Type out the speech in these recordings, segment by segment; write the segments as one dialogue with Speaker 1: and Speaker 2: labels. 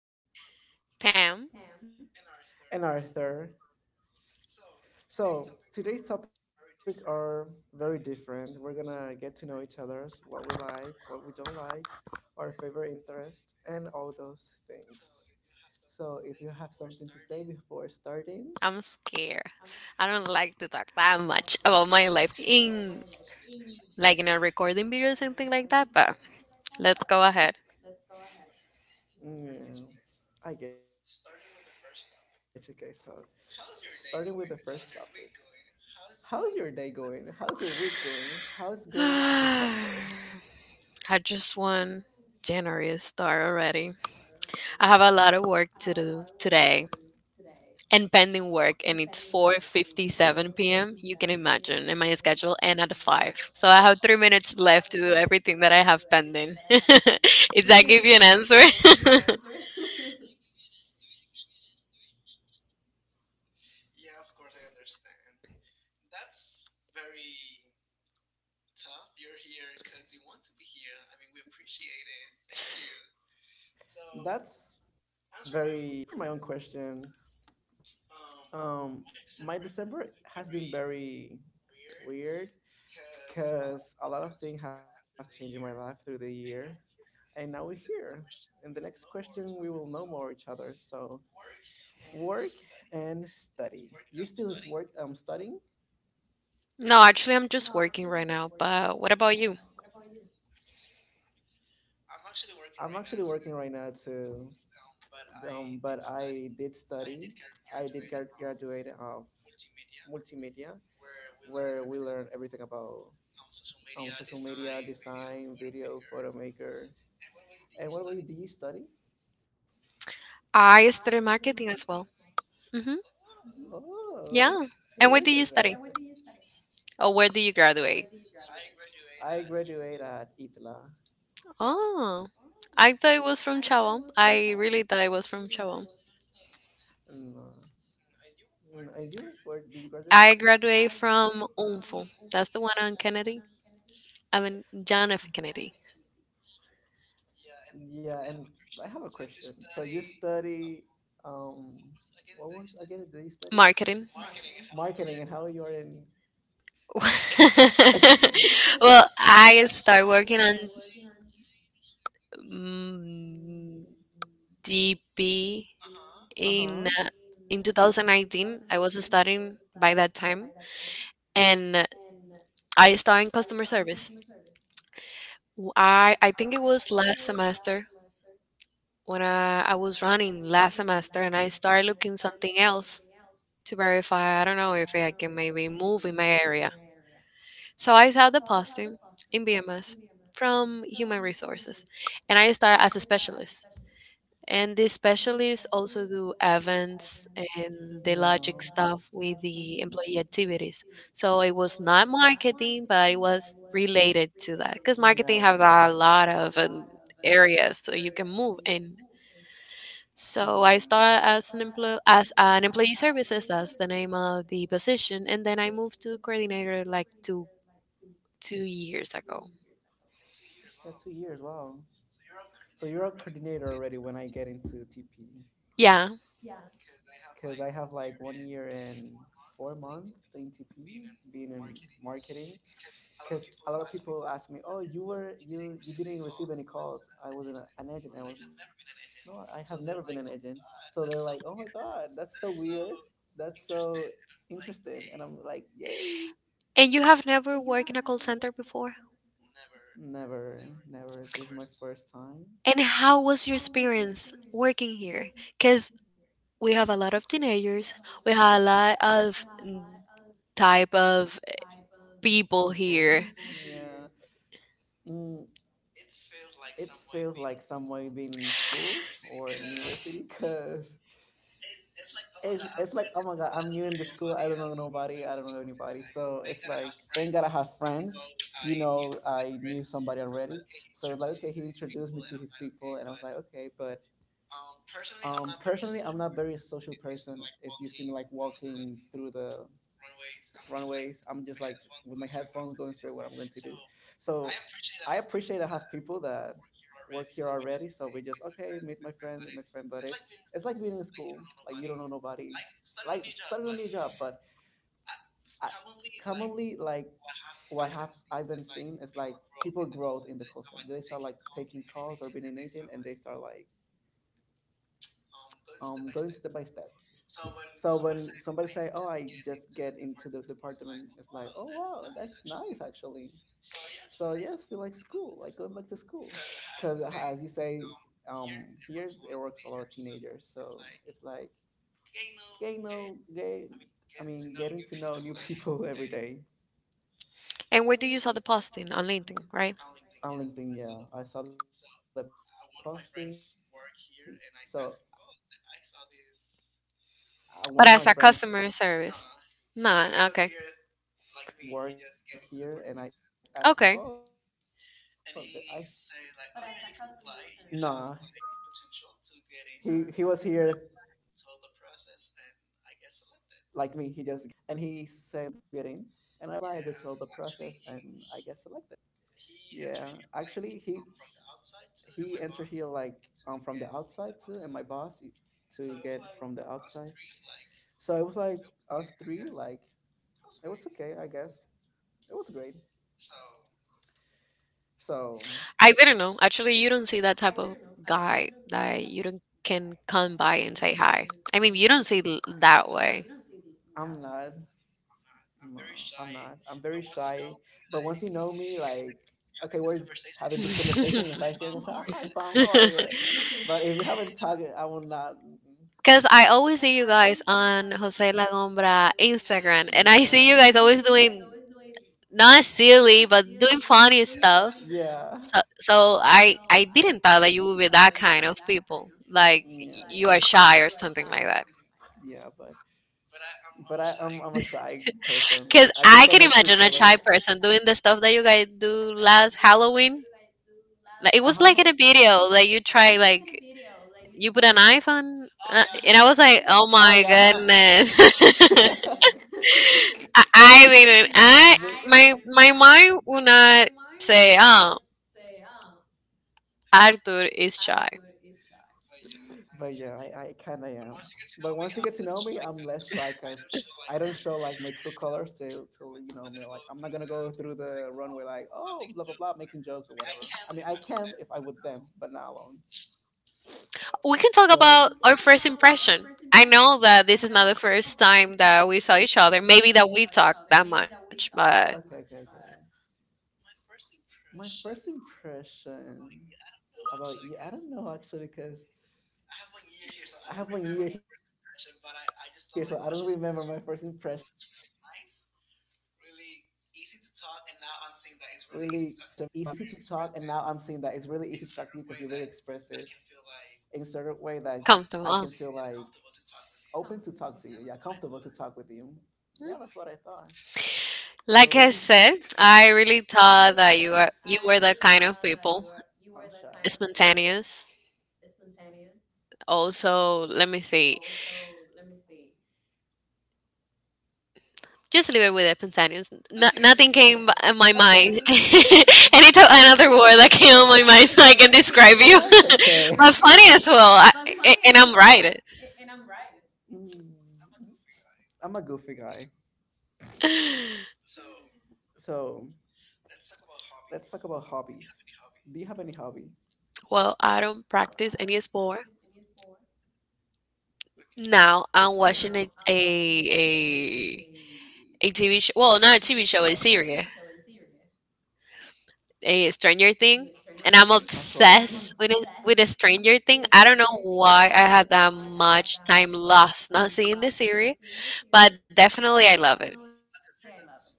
Speaker 1: you are with and Arthur. So today's topic are very different. We're gonna get to know each other's what we like, what we don't like, our favorite interests, and all those things. So if you have something to say before starting,
Speaker 2: That much about my life in like in a recording video or something like that, but let's go ahead.
Speaker 1: yeah, I get you guys. So starting with the first topic. How's your day going? How's your week going? How's going December?
Speaker 2: I just want January to start already. I have a lot of work to do today and pending work and it's 4:57 p.m. You can imagine in my schedule and at 5. So I have 3 minutes left to do everything that I have pending. Did that give you an answer?
Speaker 1: Yeah, of course, I understand. That's very tough. You're here because you want to be here. I mean, we appreciate it. Thank you. So, answering my own question, um, my December has been very weird because a lot of things have changed in my life through the year. And now we're here. In the next question, we will know more each other. So, work and study. You still is work, studying?
Speaker 2: No, actually I'm just working right now, but what about you?
Speaker 1: I'm actually working right now to. But I did study. I did graduate of multimedia, where we learn everything about social media, design, video, photo maker. And what about you? Do you study?
Speaker 2: I study marketing as well. Mhm.
Speaker 1: Oh,
Speaker 2: Yeah. And where
Speaker 1: look
Speaker 2: do
Speaker 1: at
Speaker 2: you
Speaker 1: that!
Speaker 2: study?
Speaker 1: That!
Speaker 2: Or where do you graduate?
Speaker 1: I graduate at ITLA.
Speaker 2: Oh, I thought it was from Chabón. I really thought it was from Chabón.
Speaker 1: And, and you, where did you graduate?
Speaker 2: I graduate from UNFO. That's the one on Kennedy. I mean, John F. Kennedy.
Speaker 1: Yeah, and I have a question. So you study, um, what was again? Did you study
Speaker 2: Marketing.
Speaker 1: marketing and how you are in
Speaker 2: Well, I start working on mm, DP
Speaker 1: Uh
Speaker 2: in
Speaker 1: huh.
Speaker 2: uh, in 2019. I was studying by that time, and I started in customer service. W I think it was last semester when I was running last semester and I started looking something else to verify. I don't know if I can maybe move in my area. So I saw the posting in BMS from Human Resources and I started as a specialist. And the specialists also do events and the logic stuff with the employee activities. So it was not marketing, but it was related to that because marketing
Speaker 1: Yeah.
Speaker 2: has a lot of areas so you can move in. So I started as an employee services. That's the name of the position, and then I moved to coordinator like two years ago.
Speaker 1: Yeah, 2 years. Wow. So you're a coordinator already when I get into TP,
Speaker 2: Yeah.
Speaker 1: because I have like one year and 4 months in TP, being in marketing, because a lot of people ask me, "Oh, you were you didn't receive any calls? I wasn't an agent." I was no, I have never been an agent. So they're like, "Oh my god, that's so weird. That's so interesting." And I'm like, "Yay!
Speaker 2: And you have never worked in a call center before?
Speaker 1: Never, never. This is my first time."
Speaker 2: And how was your experience working here? Because we have a lot of teenagers, we have a lot of type of people
Speaker 1: People,
Speaker 2: here.
Speaker 1: yeah, here. It feels like someone being in school or in university because it's like, oh my god, I'm new in this school, I don't know nobody, I don't know anybody. So it's like, thank god I have friends. I knew somebody already. So it's like, okay, he introduced me to his people, and I was like, okay. But personally, I'm not very social person if you see me like walking through the runways. I'm just like with my headphones going straight what I'm going to do. So I appreciate I have people that work here already. So we just okay, meet my friend, meet my friend. But it's like being in school. Like you don't know nobody. Like starting a new job. But I, commonly, like what have I've been seeing is like people grow in the call center. They start like taking calls or being an agent, and they start like going step by step. So when somebody say, "Oh, I just get into the department," it's like, "Oh wow, that's nice actually." So yes, feel like school, like going back to school, because as you say, here it works a lot of teenagers, so it's like getting know, gay, I mean, getting to know new people every day
Speaker 2: And where do you saw the posting on LinkedIn, right?
Speaker 1: on LinkedIn. Yeah, I saw that posting. So
Speaker 2: But
Speaker 1: one
Speaker 2: as
Speaker 1: of
Speaker 2: a
Speaker 1: my
Speaker 2: customer
Speaker 1: friends
Speaker 2: service,
Speaker 1: work
Speaker 2: none.
Speaker 1: here,
Speaker 2: Okay,
Speaker 1: and I asked him, "Oh, I saw
Speaker 2: okay.
Speaker 1: this." Nah, he was here like me. He just get into the apartment too. And he said like, oh yeah, you can apply, you have like potential to get in. And I apply, I go through all the process, and I get selected. Yeah, actually he entered here like from the outside too, and my boss to get from the outside. So it was like us three, like it was okay, I guess. It was great.
Speaker 2: I didn't know. Actually, you don't see that type of
Speaker 1: So,
Speaker 2: guy that you don't can come by and say hi. I mean, you don't see it that way.
Speaker 1: see, I'm not No, I'm not. I'm very shy. But once you know me, like, okay, we're having this conversation, and if I see you, I'm gonna say, oh, "Hi, Pam, how are you?" But if we haven't talked, I will not. Mm-mm.
Speaker 2: Because I always see you guys on Jose Lagombra Instagram, and I see you
Speaker 1: Yeah,
Speaker 2: guys always doing not silly, but doing funny stuff.
Speaker 1: yeah,
Speaker 2: So I didn't thought that you would be that kind of people. Like
Speaker 1: yeah,
Speaker 2: you are shy or something like
Speaker 1: yeah,
Speaker 2: that.
Speaker 1: yeah. But I'm a shy person.
Speaker 2: Because
Speaker 1: Like, I
Speaker 2: I
Speaker 1: just saw
Speaker 2: can
Speaker 1: my true
Speaker 2: imagine a shy
Speaker 1: colors.
Speaker 2: person doing the stuff that you guys do last Halloween.
Speaker 1: Uh huh.
Speaker 2: Like, it was like in a video that you try like you put a knife on, and I was
Speaker 1: Oh
Speaker 2: like,
Speaker 1: yeah,
Speaker 2: "Oh
Speaker 1: huh?
Speaker 2: my goodness!"
Speaker 1: but
Speaker 2: I didn't. I my my mind will not say, "Oh, Arthur is shy."
Speaker 1: but yeah, I kind of am. But once you get to know me, I'm less shy because I don't show like my true colors till you know me. Like I'm not gonna go through the runway like, oh, blah blah blah, making jokes or whatever. I mean I can if I with them, but not alone.
Speaker 2: We can talk
Speaker 1: So,
Speaker 2: about our first impression. I know that this is not the first time that we saw each other. Maybe that we talked that much, but
Speaker 1: okay, okay, okay. My first impression about you, I don't know actually because. I have one year here, so I don't remember my first impression, but I just thought like, oh, she looks really nice, really easy to talk, and now I'm seeing that it's really easy to talk to you because you're very expressive in a certain way that I can feel like
Speaker 2: comfortable.
Speaker 1: open to talk to you, yeah, comfortable to talk with you. Yeah, that's what I thought. What about you?
Speaker 2: Like I said, I really thought that you were the kind of
Speaker 1: I'm
Speaker 2: people
Speaker 1: shy.
Speaker 2: spontaneous. Also, let me see. Just leave it with it, Pansanius. No, nothing came in my mind.
Speaker 1: Okay,
Speaker 2: Any
Speaker 1: okay,
Speaker 2: another
Speaker 1: that's
Speaker 2: word that
Speaker 1: okay,
Speaker 2: came on my
Speaker 1: that's
Speaker 2: mind so I can describe
Speaker 1: okay.
Speaker 2: you. But funny as well. And I'm right.
Speaker 1: Mm. I'm a goofy guy. So let's talk about hobbies. Do you have any hobby?
Speaker 2: Well, I don't practice any sport. Now I'm watching
Speaker 1: Okay.
Speaker 2: a TV show. Well, not a TV show, a series, a Stranger Thing, and I'm
Speaker 1: Of and
Speaker 2: obsessed with it, with a Stranger Thing. I don't know why I had that much time lost not seeing the series, but definitely I love it.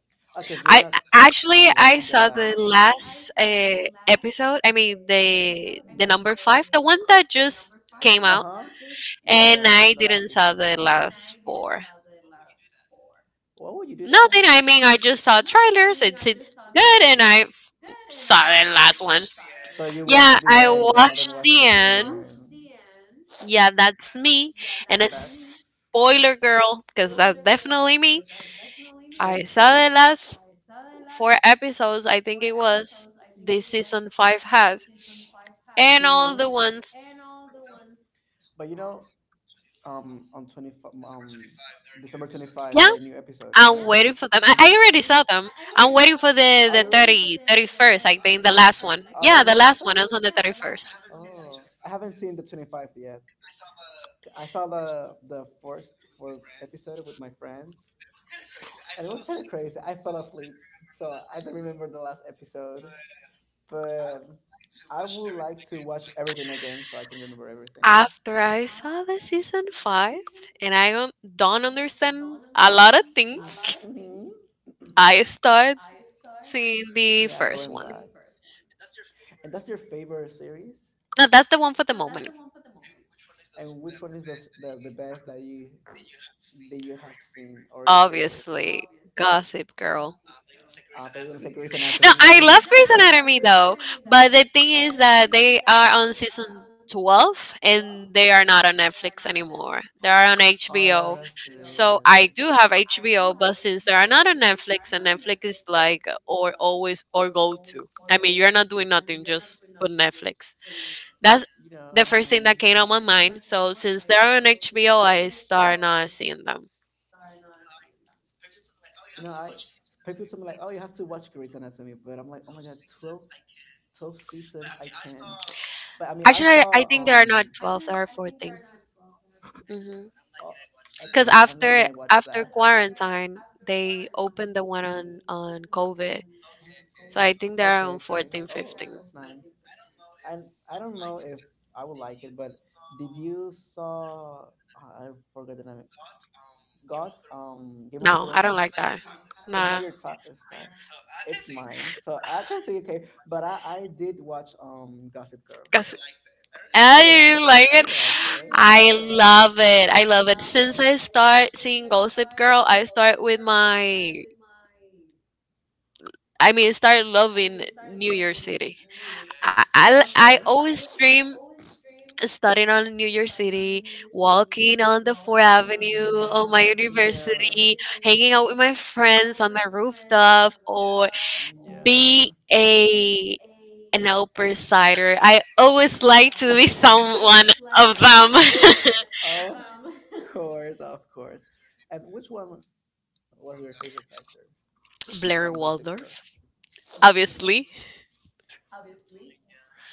Speaker 1: because you're not
Speaker 2: I
Speaker 1: um
Speaker 2: Actually I saw the last episode. I mean the number five, the one that just
Speaker 1: uh huh.
Speaker 2: came out,
Speaker 1: Yeah, out. The
Speaker 2: and
Speaker 1: last
Speaker 2: I
Speaker 1: season.
Speaker 2: didn't saw the last four.
Speaker 1: Why would you do that?
Speaker 2: Nothing. I mean, I just saw trailers. It's good, and I saw the last one.
Speaker 1: Watched
Speaker 2: Yeah,
Speaker 1: the
Speaker 2: I
Speaker 1: end, but
Speaker 2: watched the end. Yeah, that's me, and a spoiler girl because that's definitely me. I saw
Speaker 1: crazy.
Speaker 2: the last four episodes. I think it was this season 5 has and all
Speaker 1: Mhm.
Speaker 2: the ones.
Speaker 1: But on 25, December 25,
Speaker 2: Yeah,
Speaker 1: there are new episodes, right?
Speaker 2: I'm waiting for them.
Speaker 1: Yeah.
Speaker 2: I,
Speaker 1: Did you?
Speaker 2: I already saw them. I'm waiting for the
Speaker 1: Are you
Speaker 2: the
Speaker 1: already?
Speaker 2: 30, 31st, I
Speaker 1: 30,
Speaker 2: think, the
Speaker 1: thirty
Speaker 2: last
Speaker 1: first.
Speaker 2: one.
Speaker 1: Are there
Speaker 2: Yeah,
Speaker 1: more
Speaker 2: the last
Speaker 1: episodes?
Speaker 2: one is on the 31st.
Speaker 1: Oh, I haven't seen the 25 yet. I saw the first four episode with my friends, and it was kind of crazy. I fell asleep, so I don't remember the last episode. But I would like to watch everything again so I can remember everything.
Speaker 2: After I saw the season 5 and I don't understand a lot of things,
Speaker 1: Mhm.
Speaker 2: I start seeing the
Speaker 1: Yeah,
Speaker 2: first one.
Speaker 1: going back. The And that's your favorite series?
Speaker 2: No, that's the one for the moment.
Speaker 1: And which one is the the best that you have seen or your favorite?
Speaker 2: Obviously, Gossip Girl.
Speaker 1: I thought you were gonna say
Speaker 2: No,
Speaker 1: Grey's
Speaker 2: I love
Speaker 1: Anatomy. I
Speaker 2: Grey's
Speaker 1: was
Speaker 2: Anatomy though, but the thing is that they are on season 12 and they are not on Netflix anymore. They are on HBO.
Speaker 1: Oh yeah,
Speaker 2: So
Speaker 1: that's true.
Speaker 2: I do
Speaker 1: Right,
Speaker 2: have
Speaker 1: right.
Speaker 2: HBO, but since they are not on Netflix and Netflix is like or always or go to. I mean, you're not doing nothing, just put Netflix. That's the first
Speaker 1: You
Speaker 2: thing that
Speaker 1: know,
Speaker 2: came on my mind.
Speaker 1: yeah.
Speaker 2: So since they are on HBO, I start not seeing them.
Speaker 1: You know, I People tell me like, "Oh, you have to watch Grey's Anatomy," but I'm like, "Oh my god, 12, 12 seasons, I can't." But I mean, I
Speaker 2: Actually, I
Speaker 1: saw
Speaker 2: think there are not 12, there are 14. Mhm.
Speaker 1: oh,
Speaker 2: Because
Speaker 1: excellent. I'm not
Speaker 2: after
Speaker 1: gonna watch
Speaker 2: after
Speaker 1: that.
Speaker 2: quarantine, they opened the one on COVID. So I think they're on
Speaker 1: Okay, okay.
Speaker 2: 14,
Speaker 1: Oh,
Speaker 2: 15.
Speaker 1: that's nice. 14 15. And I don't know if I would like it, but did you saw? I forgot the name. Got Game of
Speaker 2: No, I don't like
Speaker 1: Thrones.
Speaker 2: that.
Speaker 1: That's
Speaker 2: Nah,
Speaker 1: not like your style. It's mine. So I can say okay, but I did watch Gossip Girls.
Speaker 2: because
Speaker 1: I
Speaker 2: I
Speaker 1: really liked
Speaker 2: didn't
Speaker 1: it.
Speaker 2: like
Speaker 1: I
Speaker 2: it.
Speaker 1: really liked it. I
Speaker 2: I
Speaker 1: really liked.
Speaker 2: love it. I love it. Since I start seeing Gossip Girl, I start with my. I mean, start loving New York City. I
Speaker 1: Okay.
Speaker 2: always dream starting on New York City, walking on the Fourth Avenue
Speaker 1: Mhm.
Speaker 2: of my
Speaker 1: Mhm.
Speaker 2: university,
Speaker 1: Yeah.
Speaker 2: hanging out with my friends on the rooftop, or be
Speaker 1: Yeah.
Speaker 2: a an outsider. I always like to be someone of them.
Speaker 1: Of course, of course. And which one was your favorite character from Gossip Girls?
Speaker 2: Blair Waldorf, obviously.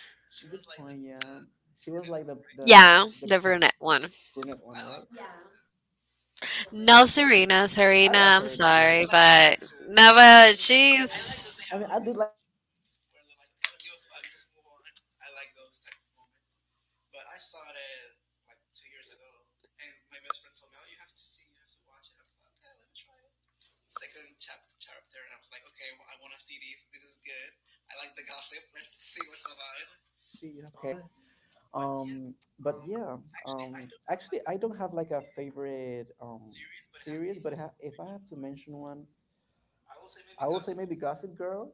Speaker 1: Good point. Yeah, she was like the
Speaker 2: Yeah,
Speaker 1: brunette
Speaker 2: the
Speaker 1: one, right?
Speaker 2: brunette one.
Speaker 1: I love her too.
Speaker 2: No, Serena. Serena, I'm sorry, but
Speaker 1: I mean, I
Speaker 2: no,
Speaker 1: did like
Speaker 2: but
Speaker 1: Serena one. Too. No, cause
Speaker 2: she's.
Speaker 1: I like when they have like these bitchy moments where they're like, okay, I don't give a fuck, just move on. I like those type of moments. But I saw it like 2 years ago, and my best friend told me, "Oh, you have to see, you have to watch it." I'm like, "Okay, let me try it." Second chapter, and I was like, "Okay, well, I want to see these. This is good. I like the gossip. Let's see what's about." Um, but yeah, actually, I don't have like a favorite series, but if I have to mention one, I will say maybe Gossip Girl.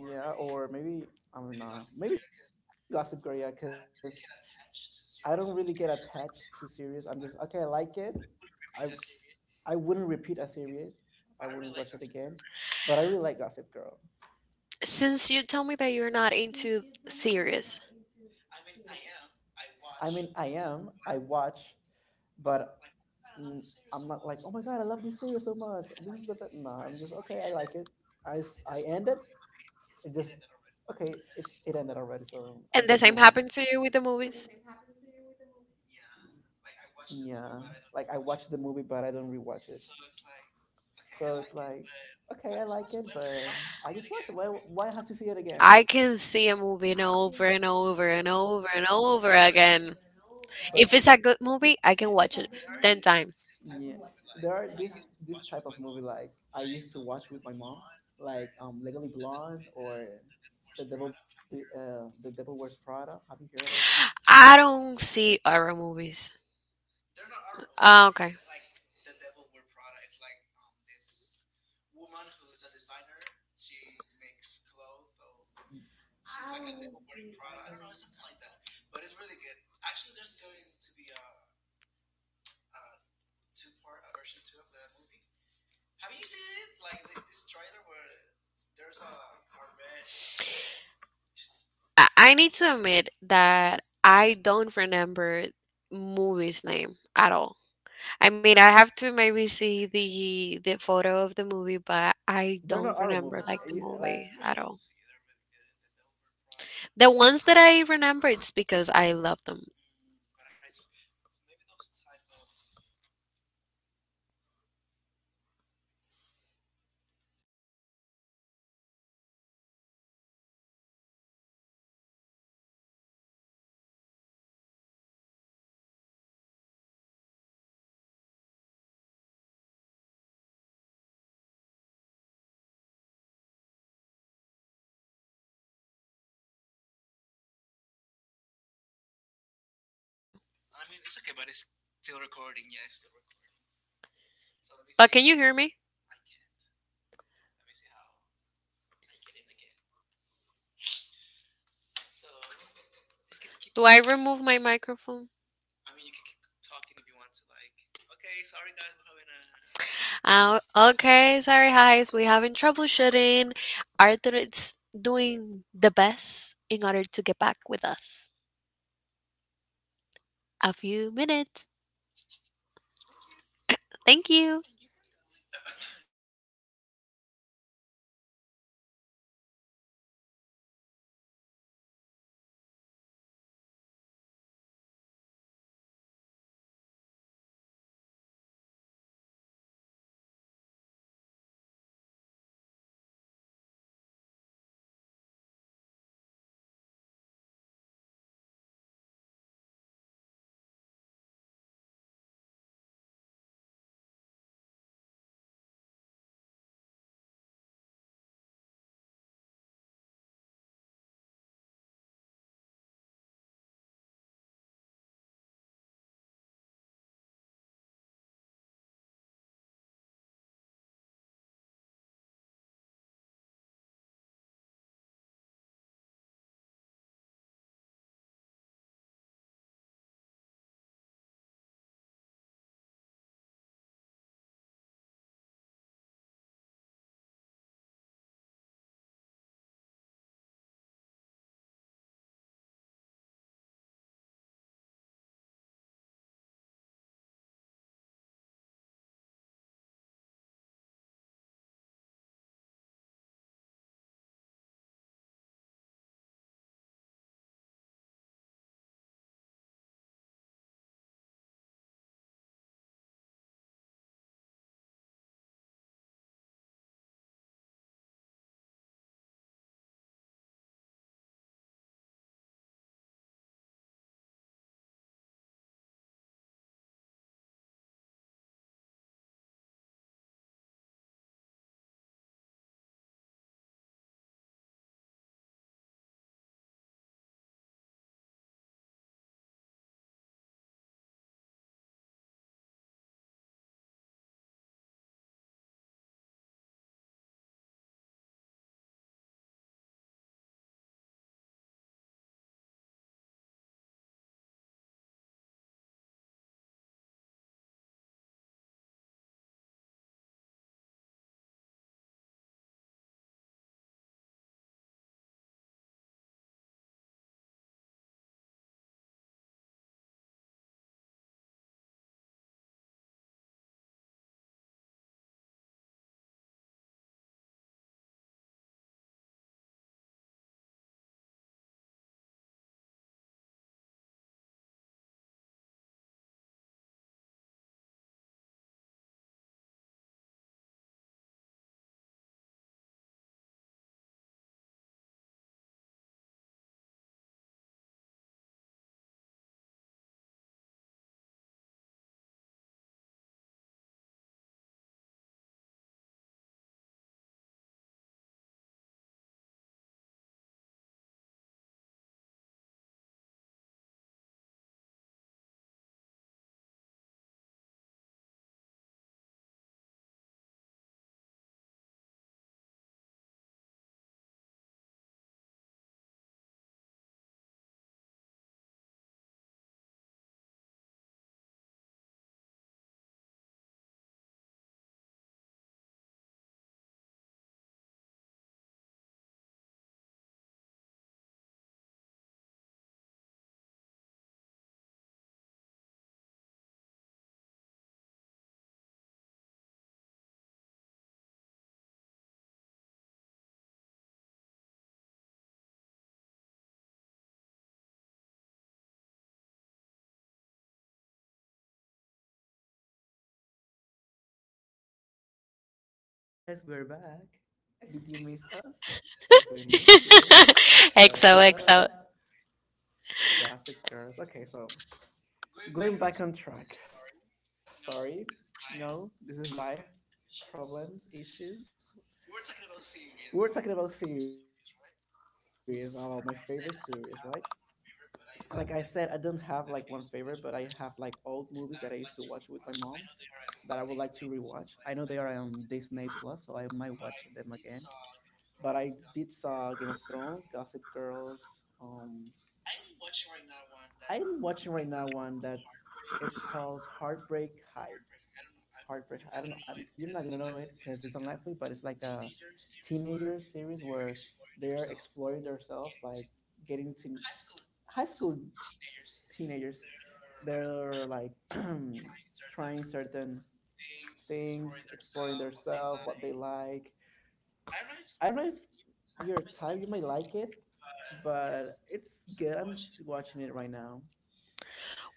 Speaker 1: Yeah, or maybe I don't know, maybe Gossip Girl. Yeah, because I don't really get attached to series. I'm just okay. I like it. I I wouldn't repeat a series. I wouldn't watch it again. But I really like Gossip Girl.
Speaker 2: Since you tell me that you're not into series,
Speaker 1: I mean, I am. I watch, but mm, I'm not like, oh my god, I love this series so much. This is the best. No, I'm just okay. I like it. I I end it. It just okay. It ended already, so I
Speaker 2: and the
Speaker 1: just
Speaker 2: same
Speaker 1: move on.
Speaker 2: happened to you with the movies,
Speaker 1: Yeah, like I watch the movie, but I don't rewatch it. So it's like, okay, I like it, but I just watch it. Why have to see it again?
Speaker 2: I can see a movie and over and over and over and over again. If
Speaker 1: But-
Speaker 2: it's a good movie, I can watch it 10 times.
Speaker 1: Yeah. There are this type of movie like I used to watch with my mom, like Legally Blonde or The Devil The Devil Wears Prada. Have you heard about them?
Speaker 2: I don't see horror movies. Ah, okay.
Speaker 1: They're not our movie. Like The Devil Wears Prada is like this woman who is a designer. She makes clothes, so she's like a devil wearing Prada. I don't know, it's something like that. But it's really good. Actually, there's going to be a uh, two part a version two of the movie. Have you seen it? Like this trailer where there's a red
Speaker 2: I need to admit that
Speaker 1: food.
Speaker 2: I don't remember movies name at all. I mean, I have to maybe see the photo
Speaker 1: Okay,
Speaker 2: of the
Speaker 1: okay.
Speaker 2: movie, but I don't remember like the movie at all.
Speaker 1: Well, I'll recommend those to you. They're really
Speaker 2: The
Speaker 1: good. The
Speaker 2: ones that
Speaker 1: Dover
Speaker 2: I remember,
Speaker 1: Prada,
Speaker 2: it's because I love them.
Speaker 1: them. But I don't. Maybe those type of movies. No me escucha, boluda.
Speaker 2: But can you hear me? Do I remove my microphone? Okay, sorry, guys. We're having troubleshooting. Arthur is doing the best in order to get back with us. A few minutes. Thank you. XOXO.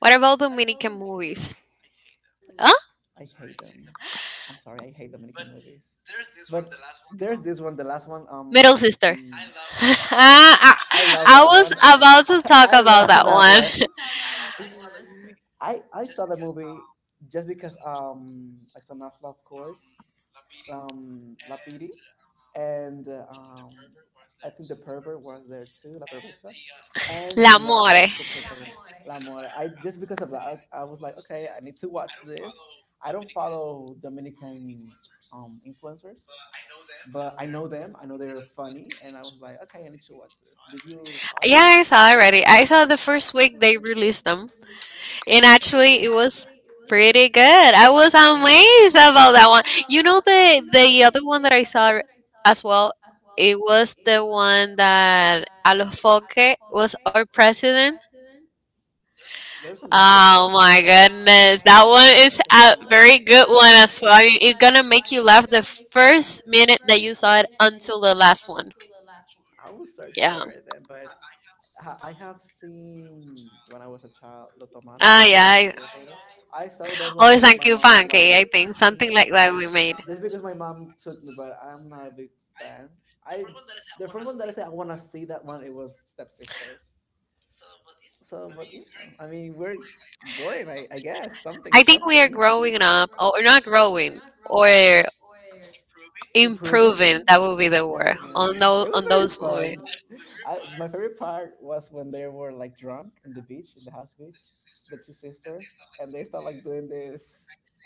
Speaker 2: What about Dominican movies? Huh? Middle sister. Ah, I was about to talk about that one. L'amore. Yeah, I saw it already. I saw the first week they released them, and actually, it was pretty good. I was amazed about that one. You know the other one that I saw as well. It was the one that Alofoque was our president. Oh my goodness. That one is a very good one as well. I mean, it's gonna make you laugh the first minute that you saw it until the last one. Yeah. Ah, yeah. Or Sankey Funky, I think. Something like that we made. I think we are growing up, or not growing, or improving. That would be the word on those movies.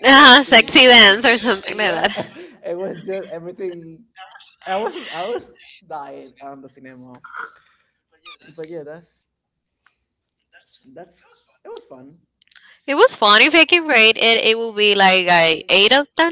Speaker 2: Ah, sexy dance or something like that. It was fun. If I can rate it, it will be like a 8 out of 10.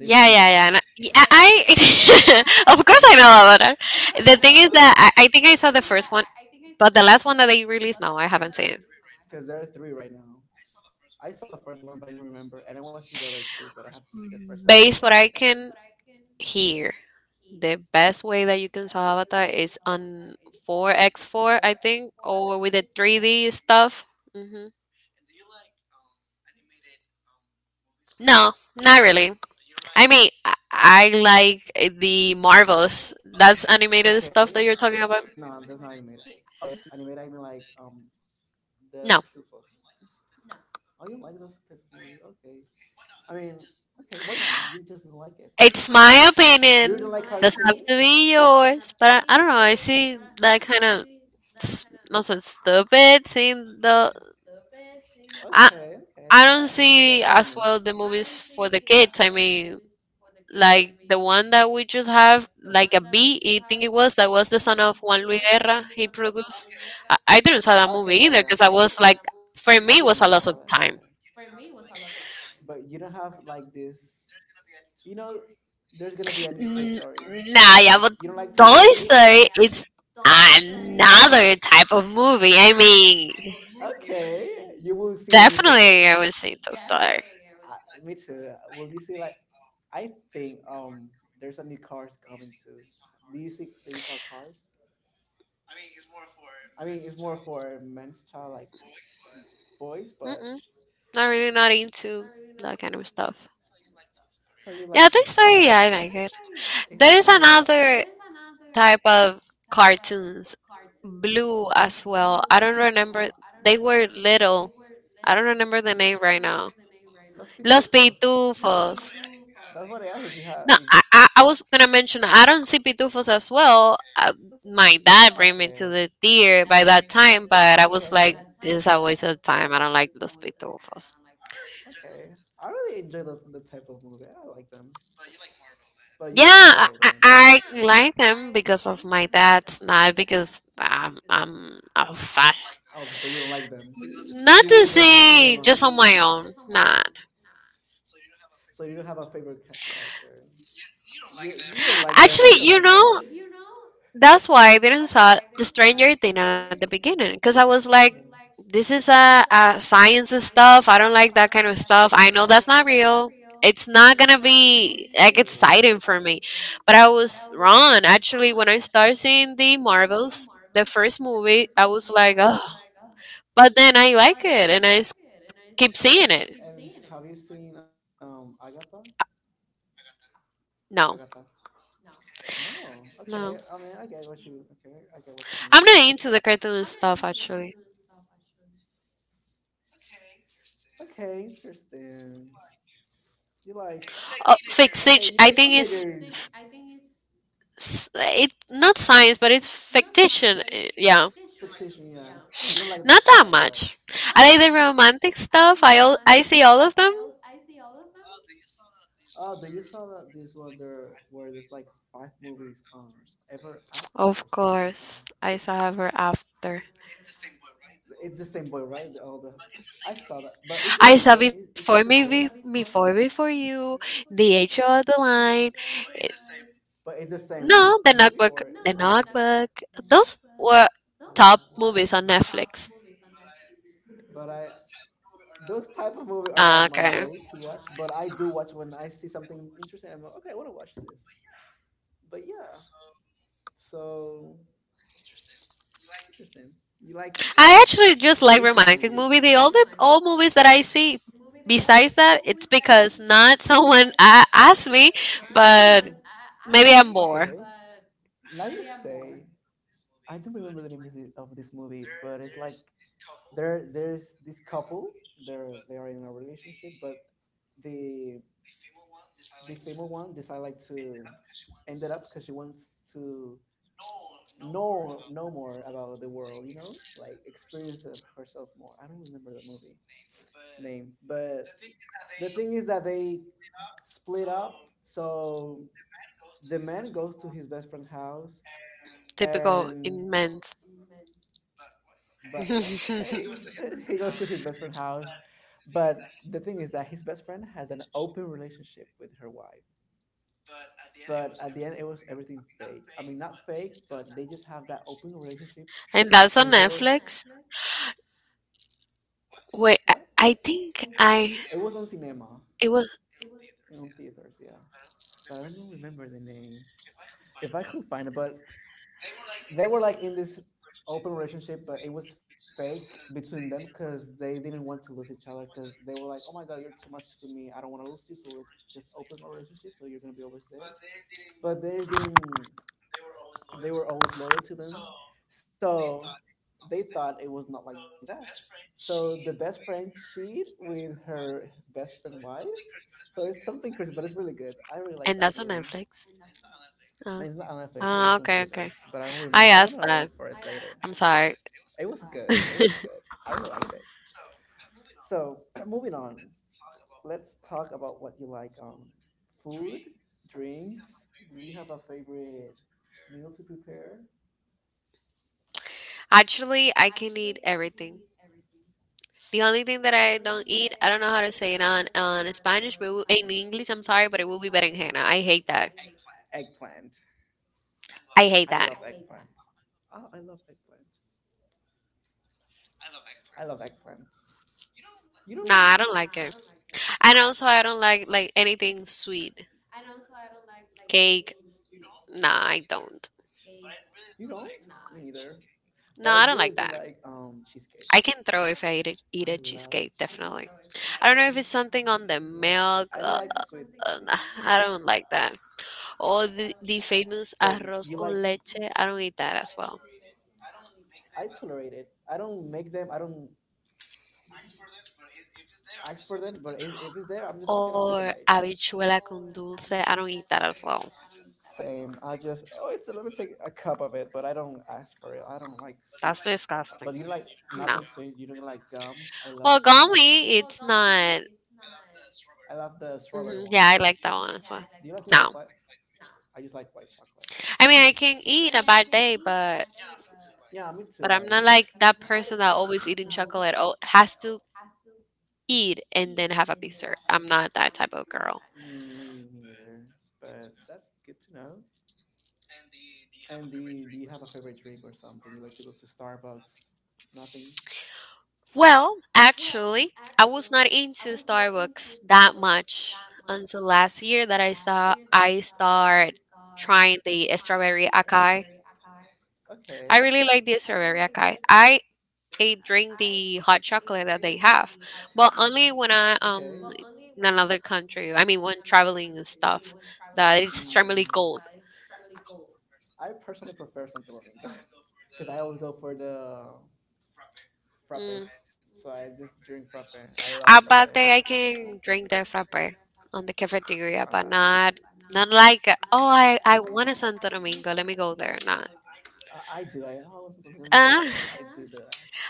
Speaker 2: Yeah, yeah, yeah. And I, yeah, I of course I know about it. The thing is that I think I saw the first one, but the last one that they released, no, I haven't seen it. Based what I can hear, the best way that you can saw Avatar is on 4x4, I think, or with the 3D stuff. Mm-hmm. No, not really. I mean, I like the Marvels. That's animated stuff that you're talking about. No, it's my opinion. Doesn't have to be yours. But I don't know. I see that kind of not so stupid. Seeing the I I don't see as well the movies for the kids. I mean, like the one that we just have, like a bee, I think it was, that was the son of Juan Luis Guerra. He produced. I didn't saw that movie either because I was like, for me, it was a loss of time. N- nah, yeah, but Toy Story is another type of movie. I mean, definitely, I would say Toy Story. Mm-mm, not really, not into that kind of stuff. Yeah, Toy Story, yeah, I like it. There is another type of cartoons. Blue as well. I don't remember. They were little. I don't remember the name right now. Los Pitufos. No, I was gonna mention I don't see pitufos as well. My dad bring me to the theater by that time, but I was like, this is a waste of time. I don't like those pitufos. Yeah, I like them because of my dad, not because I'm a fan. Not to say just on my own. Nah. Actually, you know, that's why I didn't saw the Stranger Thing at the beginning because I was like, this is a science and stuff. I don't like that kind of stuff. I know that's not real. It's not gonna be like exciting for me. But I was wrong. Actually, when I started seeing the Marvels, the first movie, I was like, oh. But then I like it and keep seeing it. No. No. I'm not into the cartoon stuff actually. Fixation. I think it's it not science, but it's fiction. Yeah, not that much. I like the romantic stuff. I see all of them. Of course, I saw ever after. I saw before me Be- before before you, the H.O. of the line. it- No, the notebook. The notebook. Those were top movies on Netflix. Ah, okay. I actually just like romantic movie. The all the All movies that I see. Besides that, it's because not someone asked me, but maybe I'm bored. Typical immense. And that's on Netflix. Wait, I think I it was, and that's on Netflix. Oh, okay, okay. I asked that. I'm sorry. Actually, I can eat everything. The only thing that I don't eat, I don't know how to say it on Spanish, but in English, I'm sorry, but it will be berenjena. I hate that. I hate that. Nah, I don't like it. And also, I don't like anything sweet, cake. Nah, I don't. No, I don't like that. I can throw if I eat a cheesecake, definitely. I don't know if it's something on the milk. Nah, I don't like that. Or the famous arroz con leche. I don't eat that as well. Or habichuela con dulce. I don't eat that as well. That's disgusting. No. Well, gummy, it's not. Mhm, Yeah, I like that one as well. No. I mean, I can eat a bad day, but I'm not like that person that always eating chocolate. Oh, has to eat and then have a dessert. I'm not that type of girl. Well, actually, I was not into Starbucks that much until last year that I start trying the strawberry acai. I really like the strawberry acai. I drink the hot chocolate that they have, but only when I in another country. I mean, when traveling and stuff that is extremely cold. Mm. I bet that I can drink the frappe on the cafeteria, but not like oh I want a Santo Domingo. Let me go there. Not. Uh,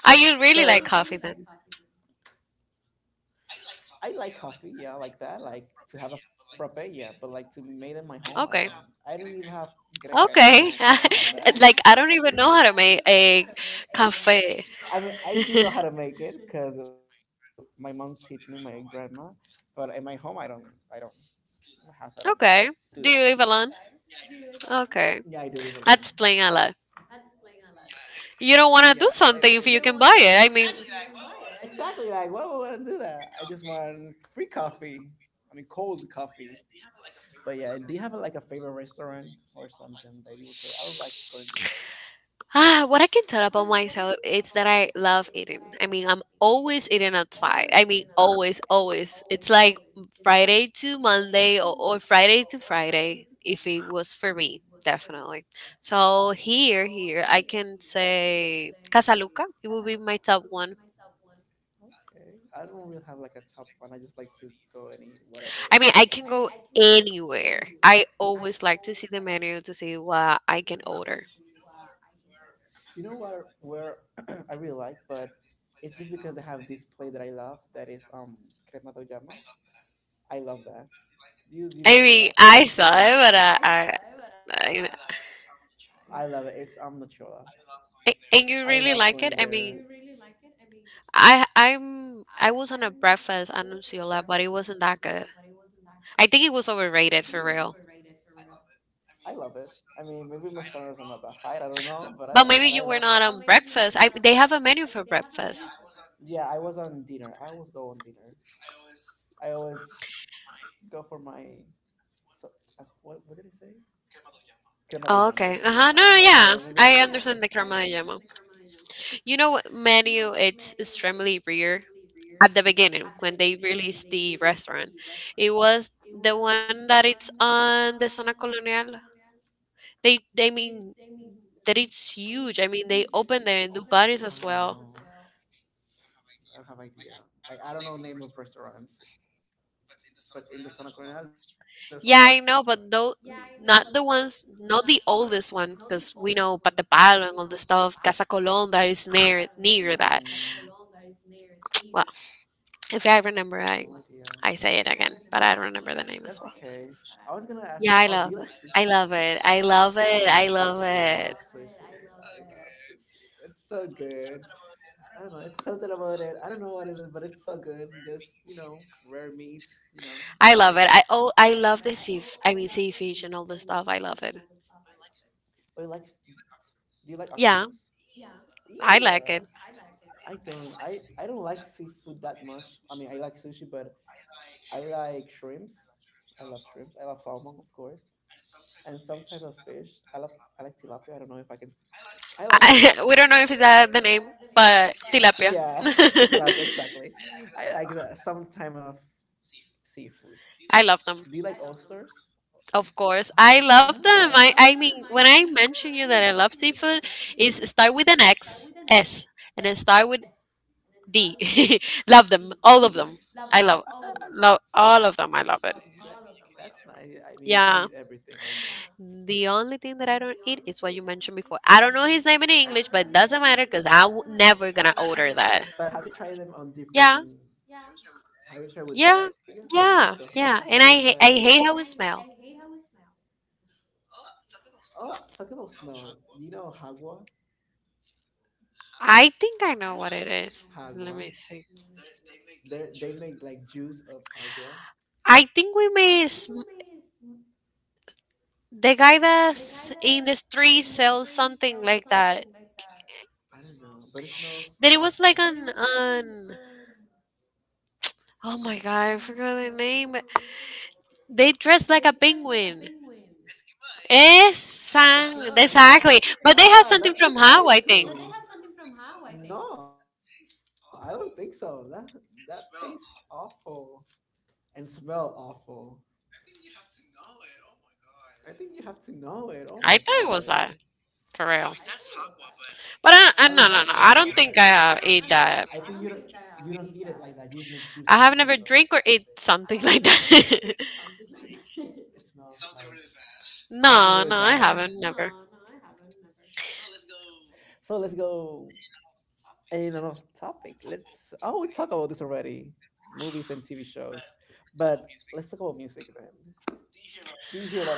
Speaker 2: are you really like coffee then? Okay. Okay. Like I don't even know how to make a cafe. Okay. Do you live alone? Okay. That's playing a lot. You don't want to do something if you can buy it. I mean, ah, what I can tell about myself is that I love eating. I mean, I'm always eating outside. I mean, always, always. It's like Friday to Monday or Friday to Friday, if it was for me, definitely. So here, I can say Casaluca. It will be my top one. I mean, I can go anywhere. I always like to see the menu to see what I can order. I mean, I saw it, but I, and you really like it? I mean, I was on a breakfast at Nuciola, but it wasn't that good. I think it was overrated for real. But maybe you were not on breakfast. I they have a menu for breakfast. Oh, okay. Uh-huh. No, no, yeah. I understand the crema de llamo. You know what menu it's extremely rare at the beginning when they released the restaurant. It was the one that it's on the zona colonial. They mean that it's huge. I mean, they open them in Dubaris as well. Yeah, I know, but though not the ones, not the oldest one, because we know Patepalo and all the stuff. Casa Colón that is near that. Well, if I remember, I say it again, but I don't remember the name as well. Yeah, I love it, I love it, I love it, I love it. I love the sea, I mean sea fish and all the stuff. I love it. Yeah, I like it. I, we don't know if it's that the name, but tilapia. I love them. Of course, I love them. I mean, when I mention you that I love seafood, is start with an X, S, and then start with D. Love them, all of them. I love, Love all of them. I love it. Yeah. The only thing that I don't eat is what you mentioned before. I don't know his name in English, but it doesn't matter because I never gonna order that. Yeah. Yeah, yeah. And I hate how it smell. I think I know what it is. Let me see. I think we made sm- The guy that's in the street sells something like that. Then it was like an oh my god, I forgot the name. They dress like a penguin. Esan, exactly. But they had something from How, I think. I thought it was that. For I real. But I no no no. I don't think I have you ate that. I have never drink or ate something like that. It no no, I haven't never.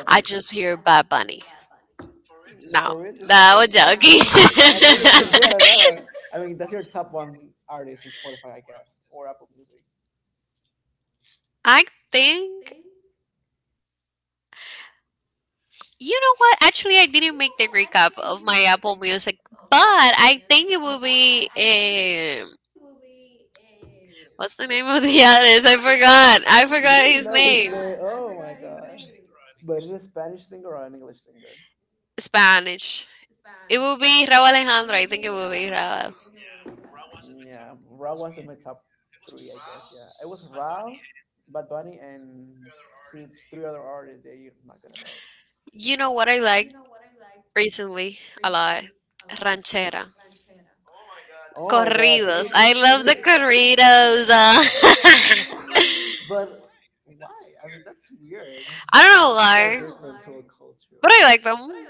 Speaker 2: I just hear Bad Bunny. No, bad bunny out no, we're joking. I think you know what? Actually, I didn't make the recap of my Apple Music, but I think it will be um, what's the name of the artist? I forgot. I forgot his name. Spanish. It will be Raúl Alejandro. I think it will be Raúl. You know what I like recently a lot? Ranchera. Corridos. I love the corridos. I don't know why, but I like them.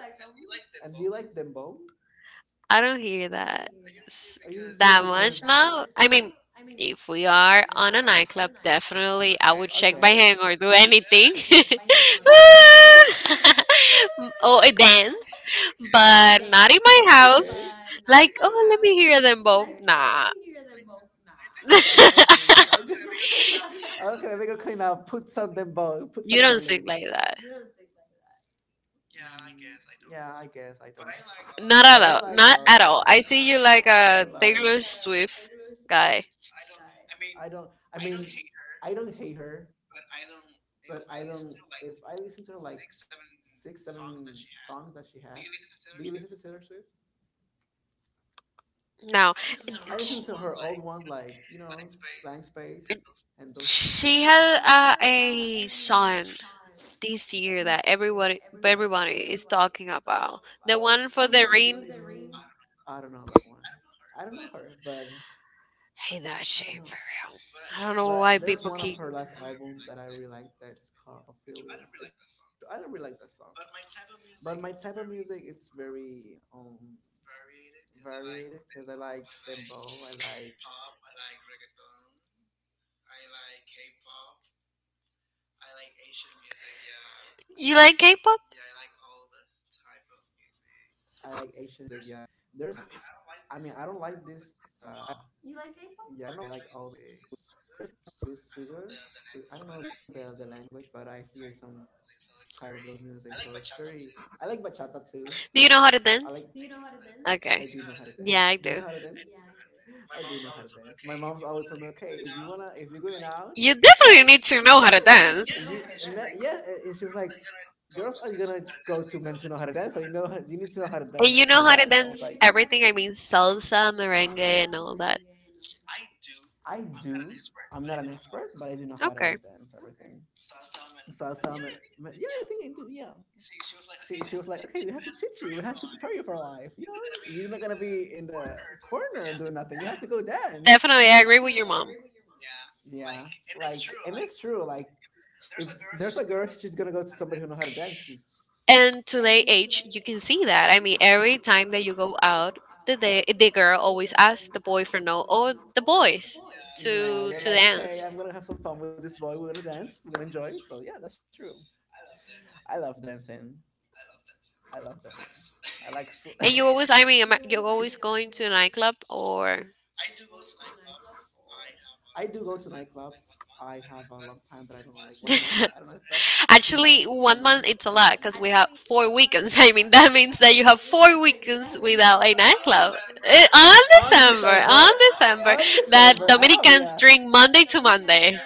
Speaker 2: I don't hear that s- much now. I mean, if we are on a nightclub, definitely I would shake my hand or do anything or a dance, but not in my house. Like, oh, let me hear them both. Nah. You don't sing like that. Not at all. Not at all. I see you like a Taylor Swift guy. No. This is her old one, like- She has a son this year that everybody is talking about. The one for the ring. Hey, that shit for real. I don't know why people keep. You like K-pop? Do you know how to dance? Okay. Yeah, I do. You definitely need to know how to dance. And you know how to dance everything. I mean, salsa, merengue, and all that. Okay. Definitely, I agree with your mom. And today age, you can see that. I mean, every time that you go out, the girl always asks the boy for no or the boys to dance. And you always, I mean, you're always going to a nightclub or. Actually, one month it's a lot because we have four weekends. I mean, that means that you have four weekends without a nightclub. On December. On December, that Dominicans drink Monday to Monday.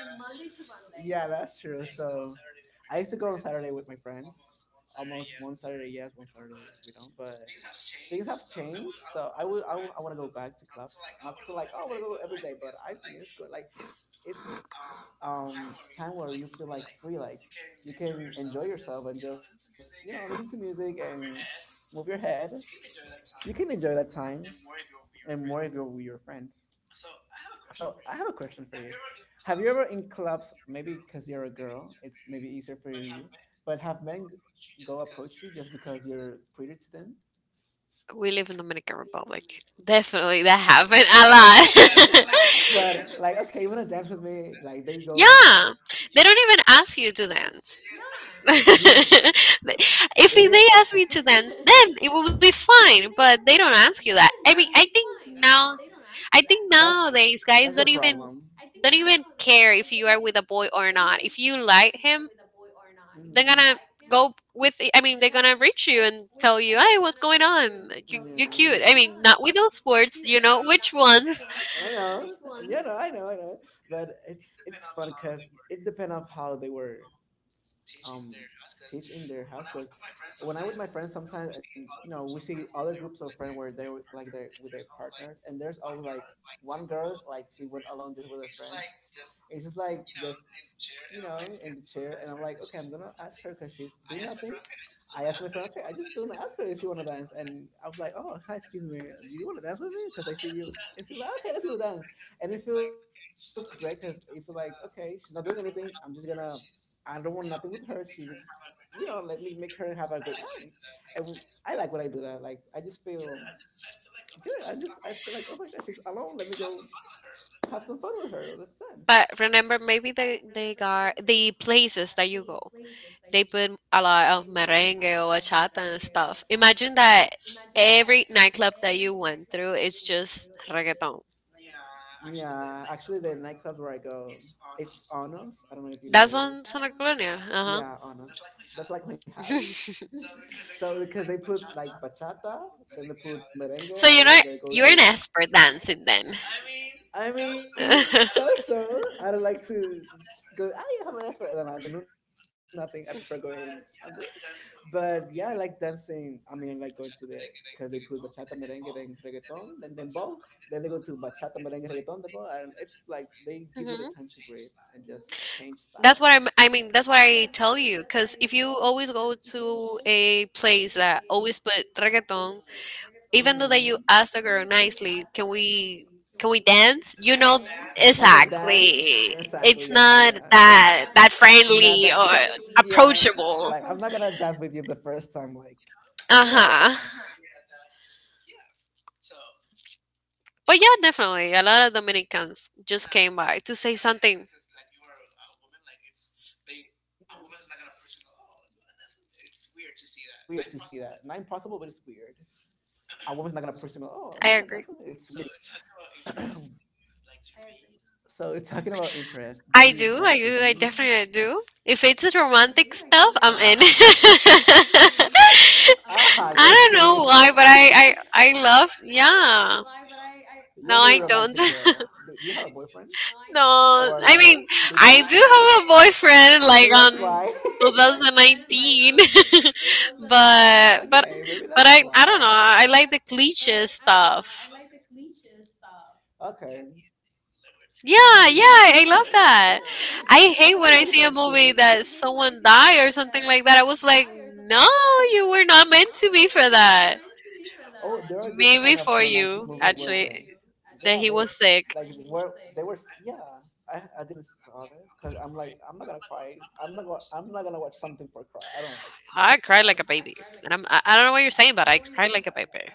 Speaker 2: We live in Dominican Republic. Definitely that happened a lot. Yeah. They don't even ask you to dance. If they ask me to dance, then it will be fine. But they don't ask you that. I mean, I think now, I think nowadays guys don't even care if you are with a boy or not. If you like him, they're gonna go with they're gonna reach you and tell you hey what's going on you, you're cute, I mean not with those words, you know. Which ones? But remember maybe they got the places that you go, they put a lot of merengue or bachata and stuff. Imagine that every nightclub that you went through is just reggaeton. That's on Santa Colonia. Uh huh. So you know you're an expert dancing then. Mhm. I mean, that's what I tell you. Because if you always go to a place that always put reggaeton, even though that you ask the girl nicely, can we dance? You know exactly. It's not that friendly or approachable. Uh huh. But yeah, definitely, a lot of Dominicans just came by to say something. I agree. I do. I do. I definitely do. If it's romantic stuff, I'm in. I don't know why, but I love. Yeah. No, I don't. No, I mean, I do have a boyfriend like on 2019, but but but I don't know. I like the cliche stuff. Yeah, yeah, I love that. I hate when I see a movie that someone die or something like that. I was like, no, you were not meant to be for that. Maybe for you, actually, that he was sick. I cried like a baby, and I don't know what you're saying, but I cried like a baby.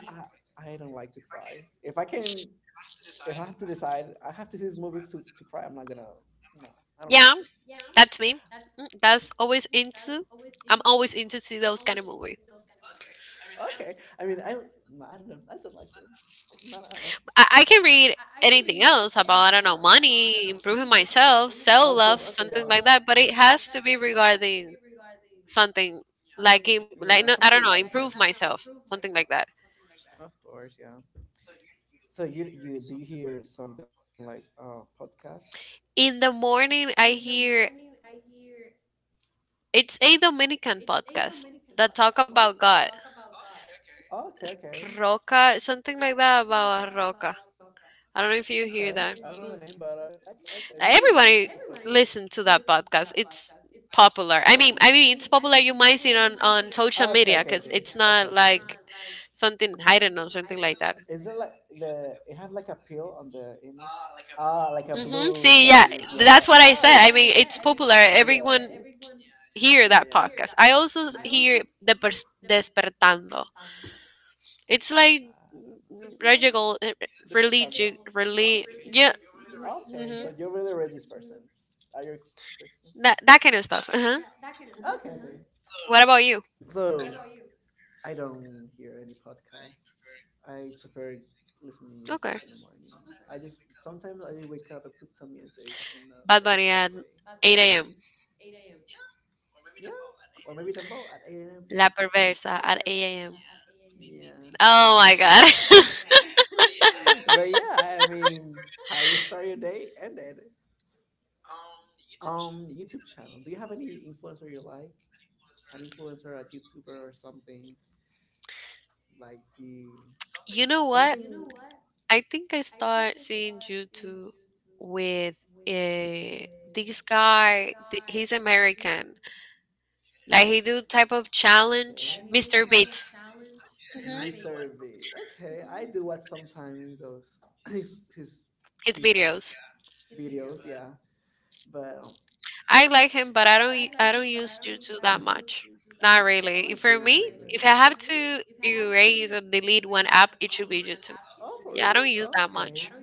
Speaker 2: Yeah, that's me. Mm, that's always into. I'm always into see those kind of movies. I can read anything else about I don't know money, improving myself, self love, something like that. But it has to be regarding something like no, I don't know, improve myself, something like that. In the morning, I hear it's a Dominican podcast that talk about God, Roca, something like that about a Roca. I don't know if you hear that. Mm. Everybody listen to that podcast. It's popular. It's popular. You might see it on social media because it's not like something I don't know, something like that. Mm-hmm. See, yeah, that's what I said. I mean, it's popular. Everyone hear that podcast. I also hear Despertando. It's like religious, yeah. Mm-hmm. That kind of stuff. Uh-huh. Mhm. What about you? Okay. Bad Bunny at 8 a.m. La Perversa at 8 a.m. Oh my god. You know what? I think I start seeing YouTube with this guy. He's American. Like he do type of challenge. Mr. Beats. Mhm. His videos. I like him, but I don't use Jutsu that much. Not really. If For me, if I have to erase or delete one app, it should be Jutsu. Yeah, I don't use that much.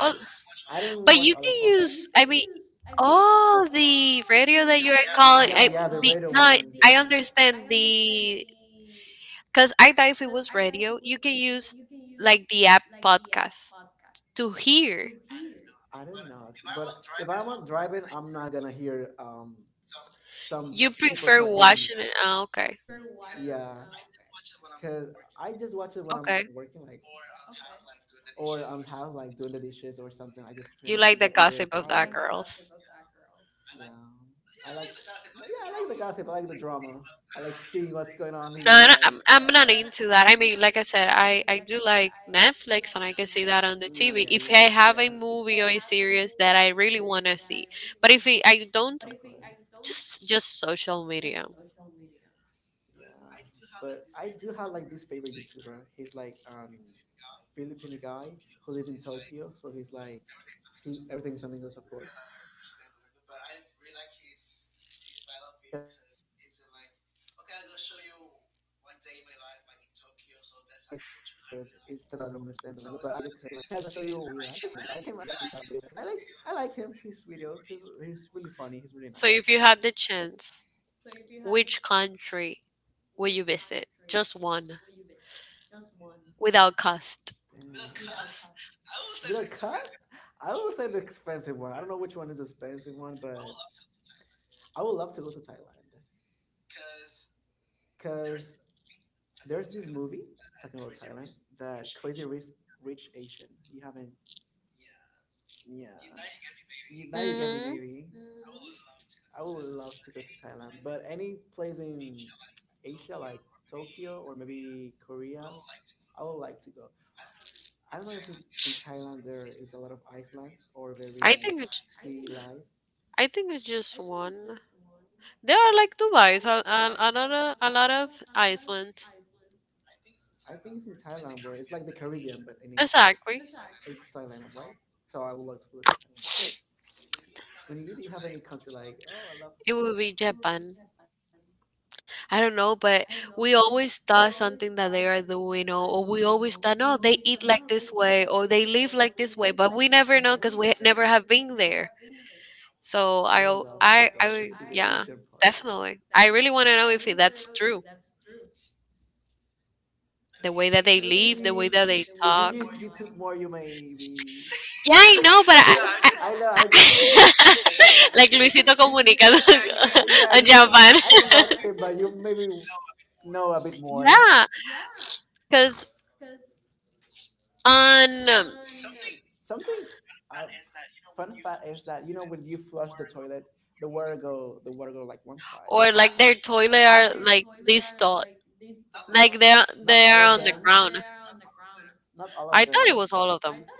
Speaker 2: Oh, but you can use. I mean, oh, the radio that you are calling. I understand the because I thought if it was radio, you can use like the app podcast to hear. You prefer watching it. Oh, okay, okay. You like the gossip of that girls. I'm not into that. I mean, like I said, I do like Netflix and I can see that on the TV. If I have a movie or a series that I really want to see, but if it, I don't, just social media. So if you had the chance, which country would you visit? Just one, without cost. Mm-hmm. I think it's, I think it's just one. They are like Dubai, so a lot of Iceland. Exactly. It, would be Japan. I don't know, but we always thought something that they are doing, or we always thought, no, they eat like this way, or they live like this way, but we never know because we never have been there. So I, al- I, yeah, definitely. I really want to know if that's true. The way that they live, the way that they talk. Yeah, I know, but I, like Luisito Comunica on Japan. Yeah, because on or like their toilet are like this tall, like they are on the ground. I thought it was all of them.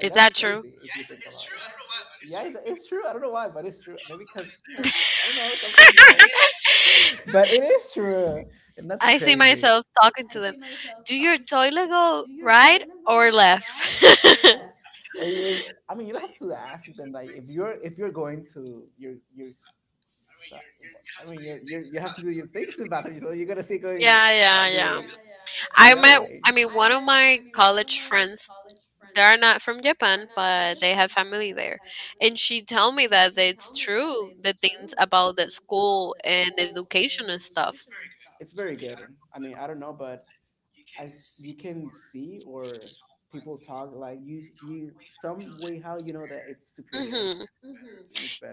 Speaker 2: Is that true? I see myself talking to them. Do your toilet go right or left? Yeah, yeah, yeah. I met. I mean, one of my college friends they are not from Japan, but they have family there. And she told me that it's true, the things about the school and education and stuff. Hmm.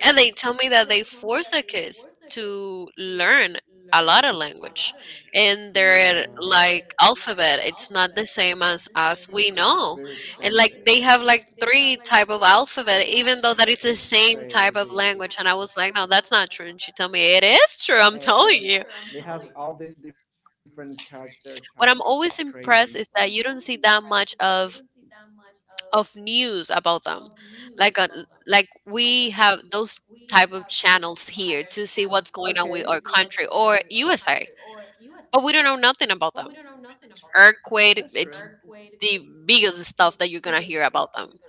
Speaker 2: And they tell me that they force the kids to learn a lot of language. And their like alphabet, it's not the same as we know. And like they have like three type of alphabet, even though that it's the same type of language. And I was like, no, that's not true. And she told me it is true. I'm telling you. What I'm always impressed is that you don't see that much of news about them. Like a, like we have those type of channels here to see what's going on with our country or USA, but we don't know nothing about them. Earthquake, it's the biggest stuff that you're gonna hear about them.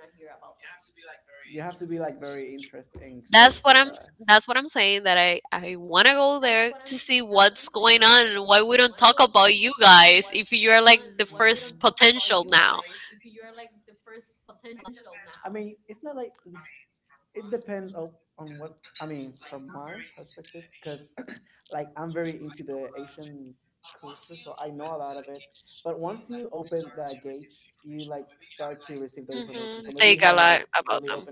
Speaker 2: That's what I'm saying that I want to go there to see what's going on and why we don't talk about you guys if you're like the first potential now. Hmm. Think a lot about them.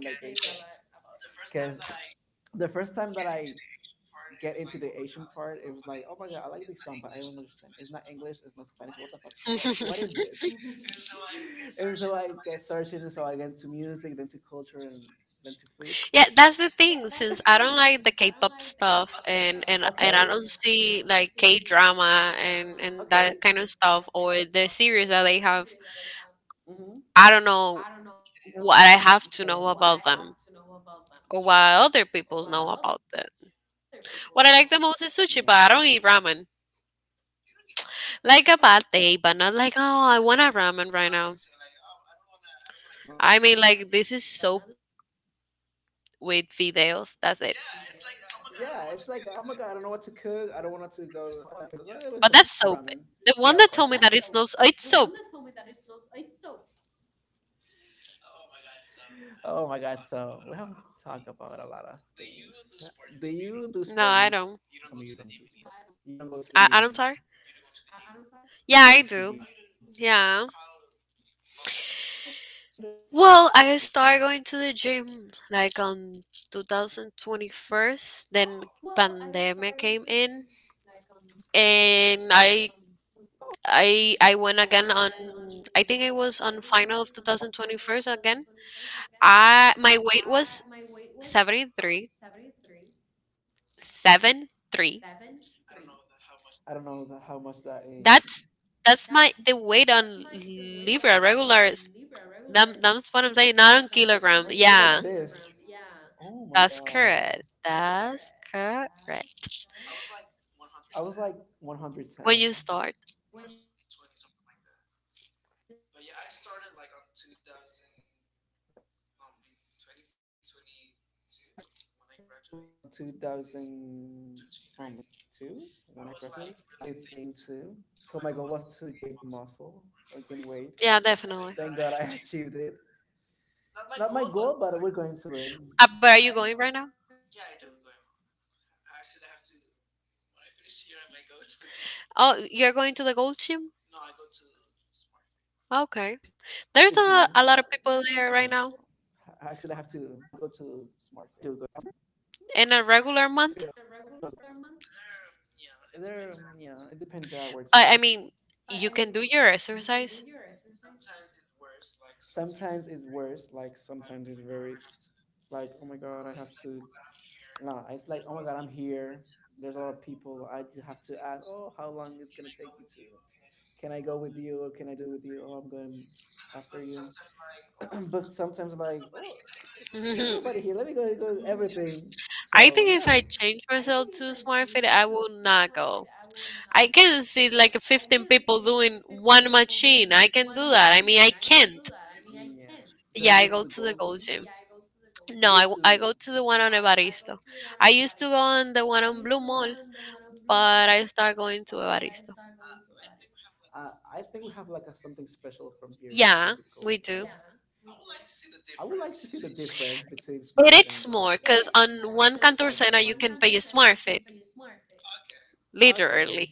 Speaker 2: Yeah, that's the thing. Since I don't like the K-pop stuff, and I don't see like K-drama and that kind of stuff, or the series that they have, I don't know what I have to know about them or what other people know about that. What I like the most is sushi, but I don't eat ramen. Like a bad day, but not like, oh, I want a ramen right now. I mean, like, this is soap with videos. That's it. But that's soap. The one that told me that it's no, it's soap. No, I don't. I don't start. Yeah, I do. Yeah. Well, I started going to the gym like on 2021. Then pandemic came in, and I went again on I think it was on final of 2021 again. I my weight was seventy three seven three. That's my the weight on Libra regular. That, that's what I'm saying, not on kilogram. Yeah, that's correct. That's correct. When you start. Yeah, definitely. But are you going right now? Oh, you're going to the gold gym? Okay. There's a lot of people there right now. In a regular month, I mean, you can do your exercise. Mhm. I think if I change myself to SmartFit, I will not go. I can see like 15 people doing one machine. I can do that. I mean, I can't. Yeah, I go to the Gold Gym. No, I, w- I go to the one on Evaristo. I used to go on the one on Blue Mall, but I start going to Evaristo. Yeah, we do. It's more because on one Cantorsena you can pay a smart fit, literally.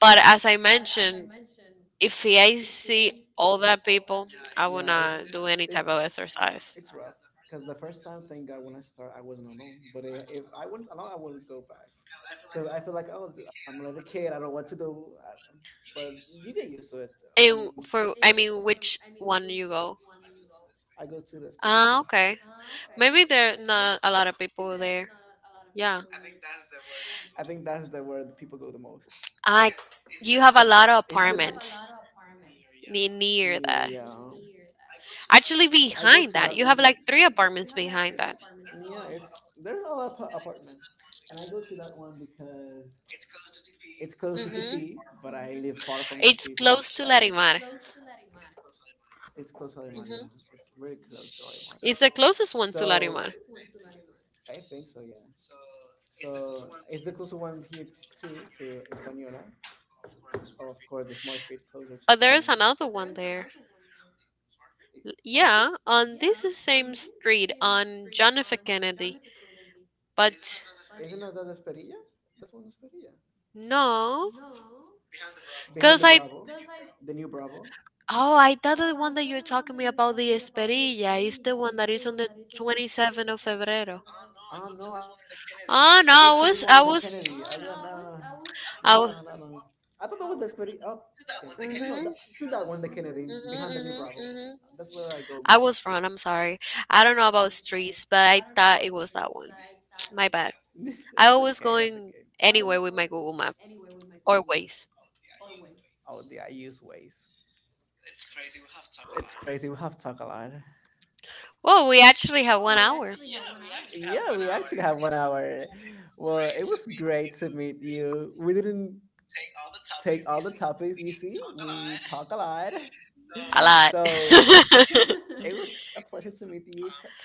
Speaker 2: But as I mentioned, if I see all that people, I will not do any type of exercise. I mean, which one you go? Ah, okay. Maybe there not a lot of people there. Yeah. I, you have a lot of apartments near that. Actually, behind that, you have like three apartments behind that. Mhm. It's close to Larimar. Mhm. It's the closest one to Larimar. But there is another one there. Yeah, on this is same street on John F. Kennedy. But no, because I oh I thought the one that you're talking me about the Esperilla is the one that is on the 27th of Febrero. Oh no, I was. Mm-hmm. Mm-hmm, hmm hmm. I was wrong. I'm sorry. I don't know about streets, but I thought it was that one. My bad. I always going anywhere with my Google Map or Waze. Well, we actually have one hour. Yeah, we actually have 1 hour. So a lot.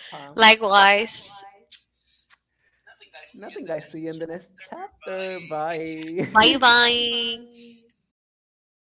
Speaker 2: Likewise. Bye bye.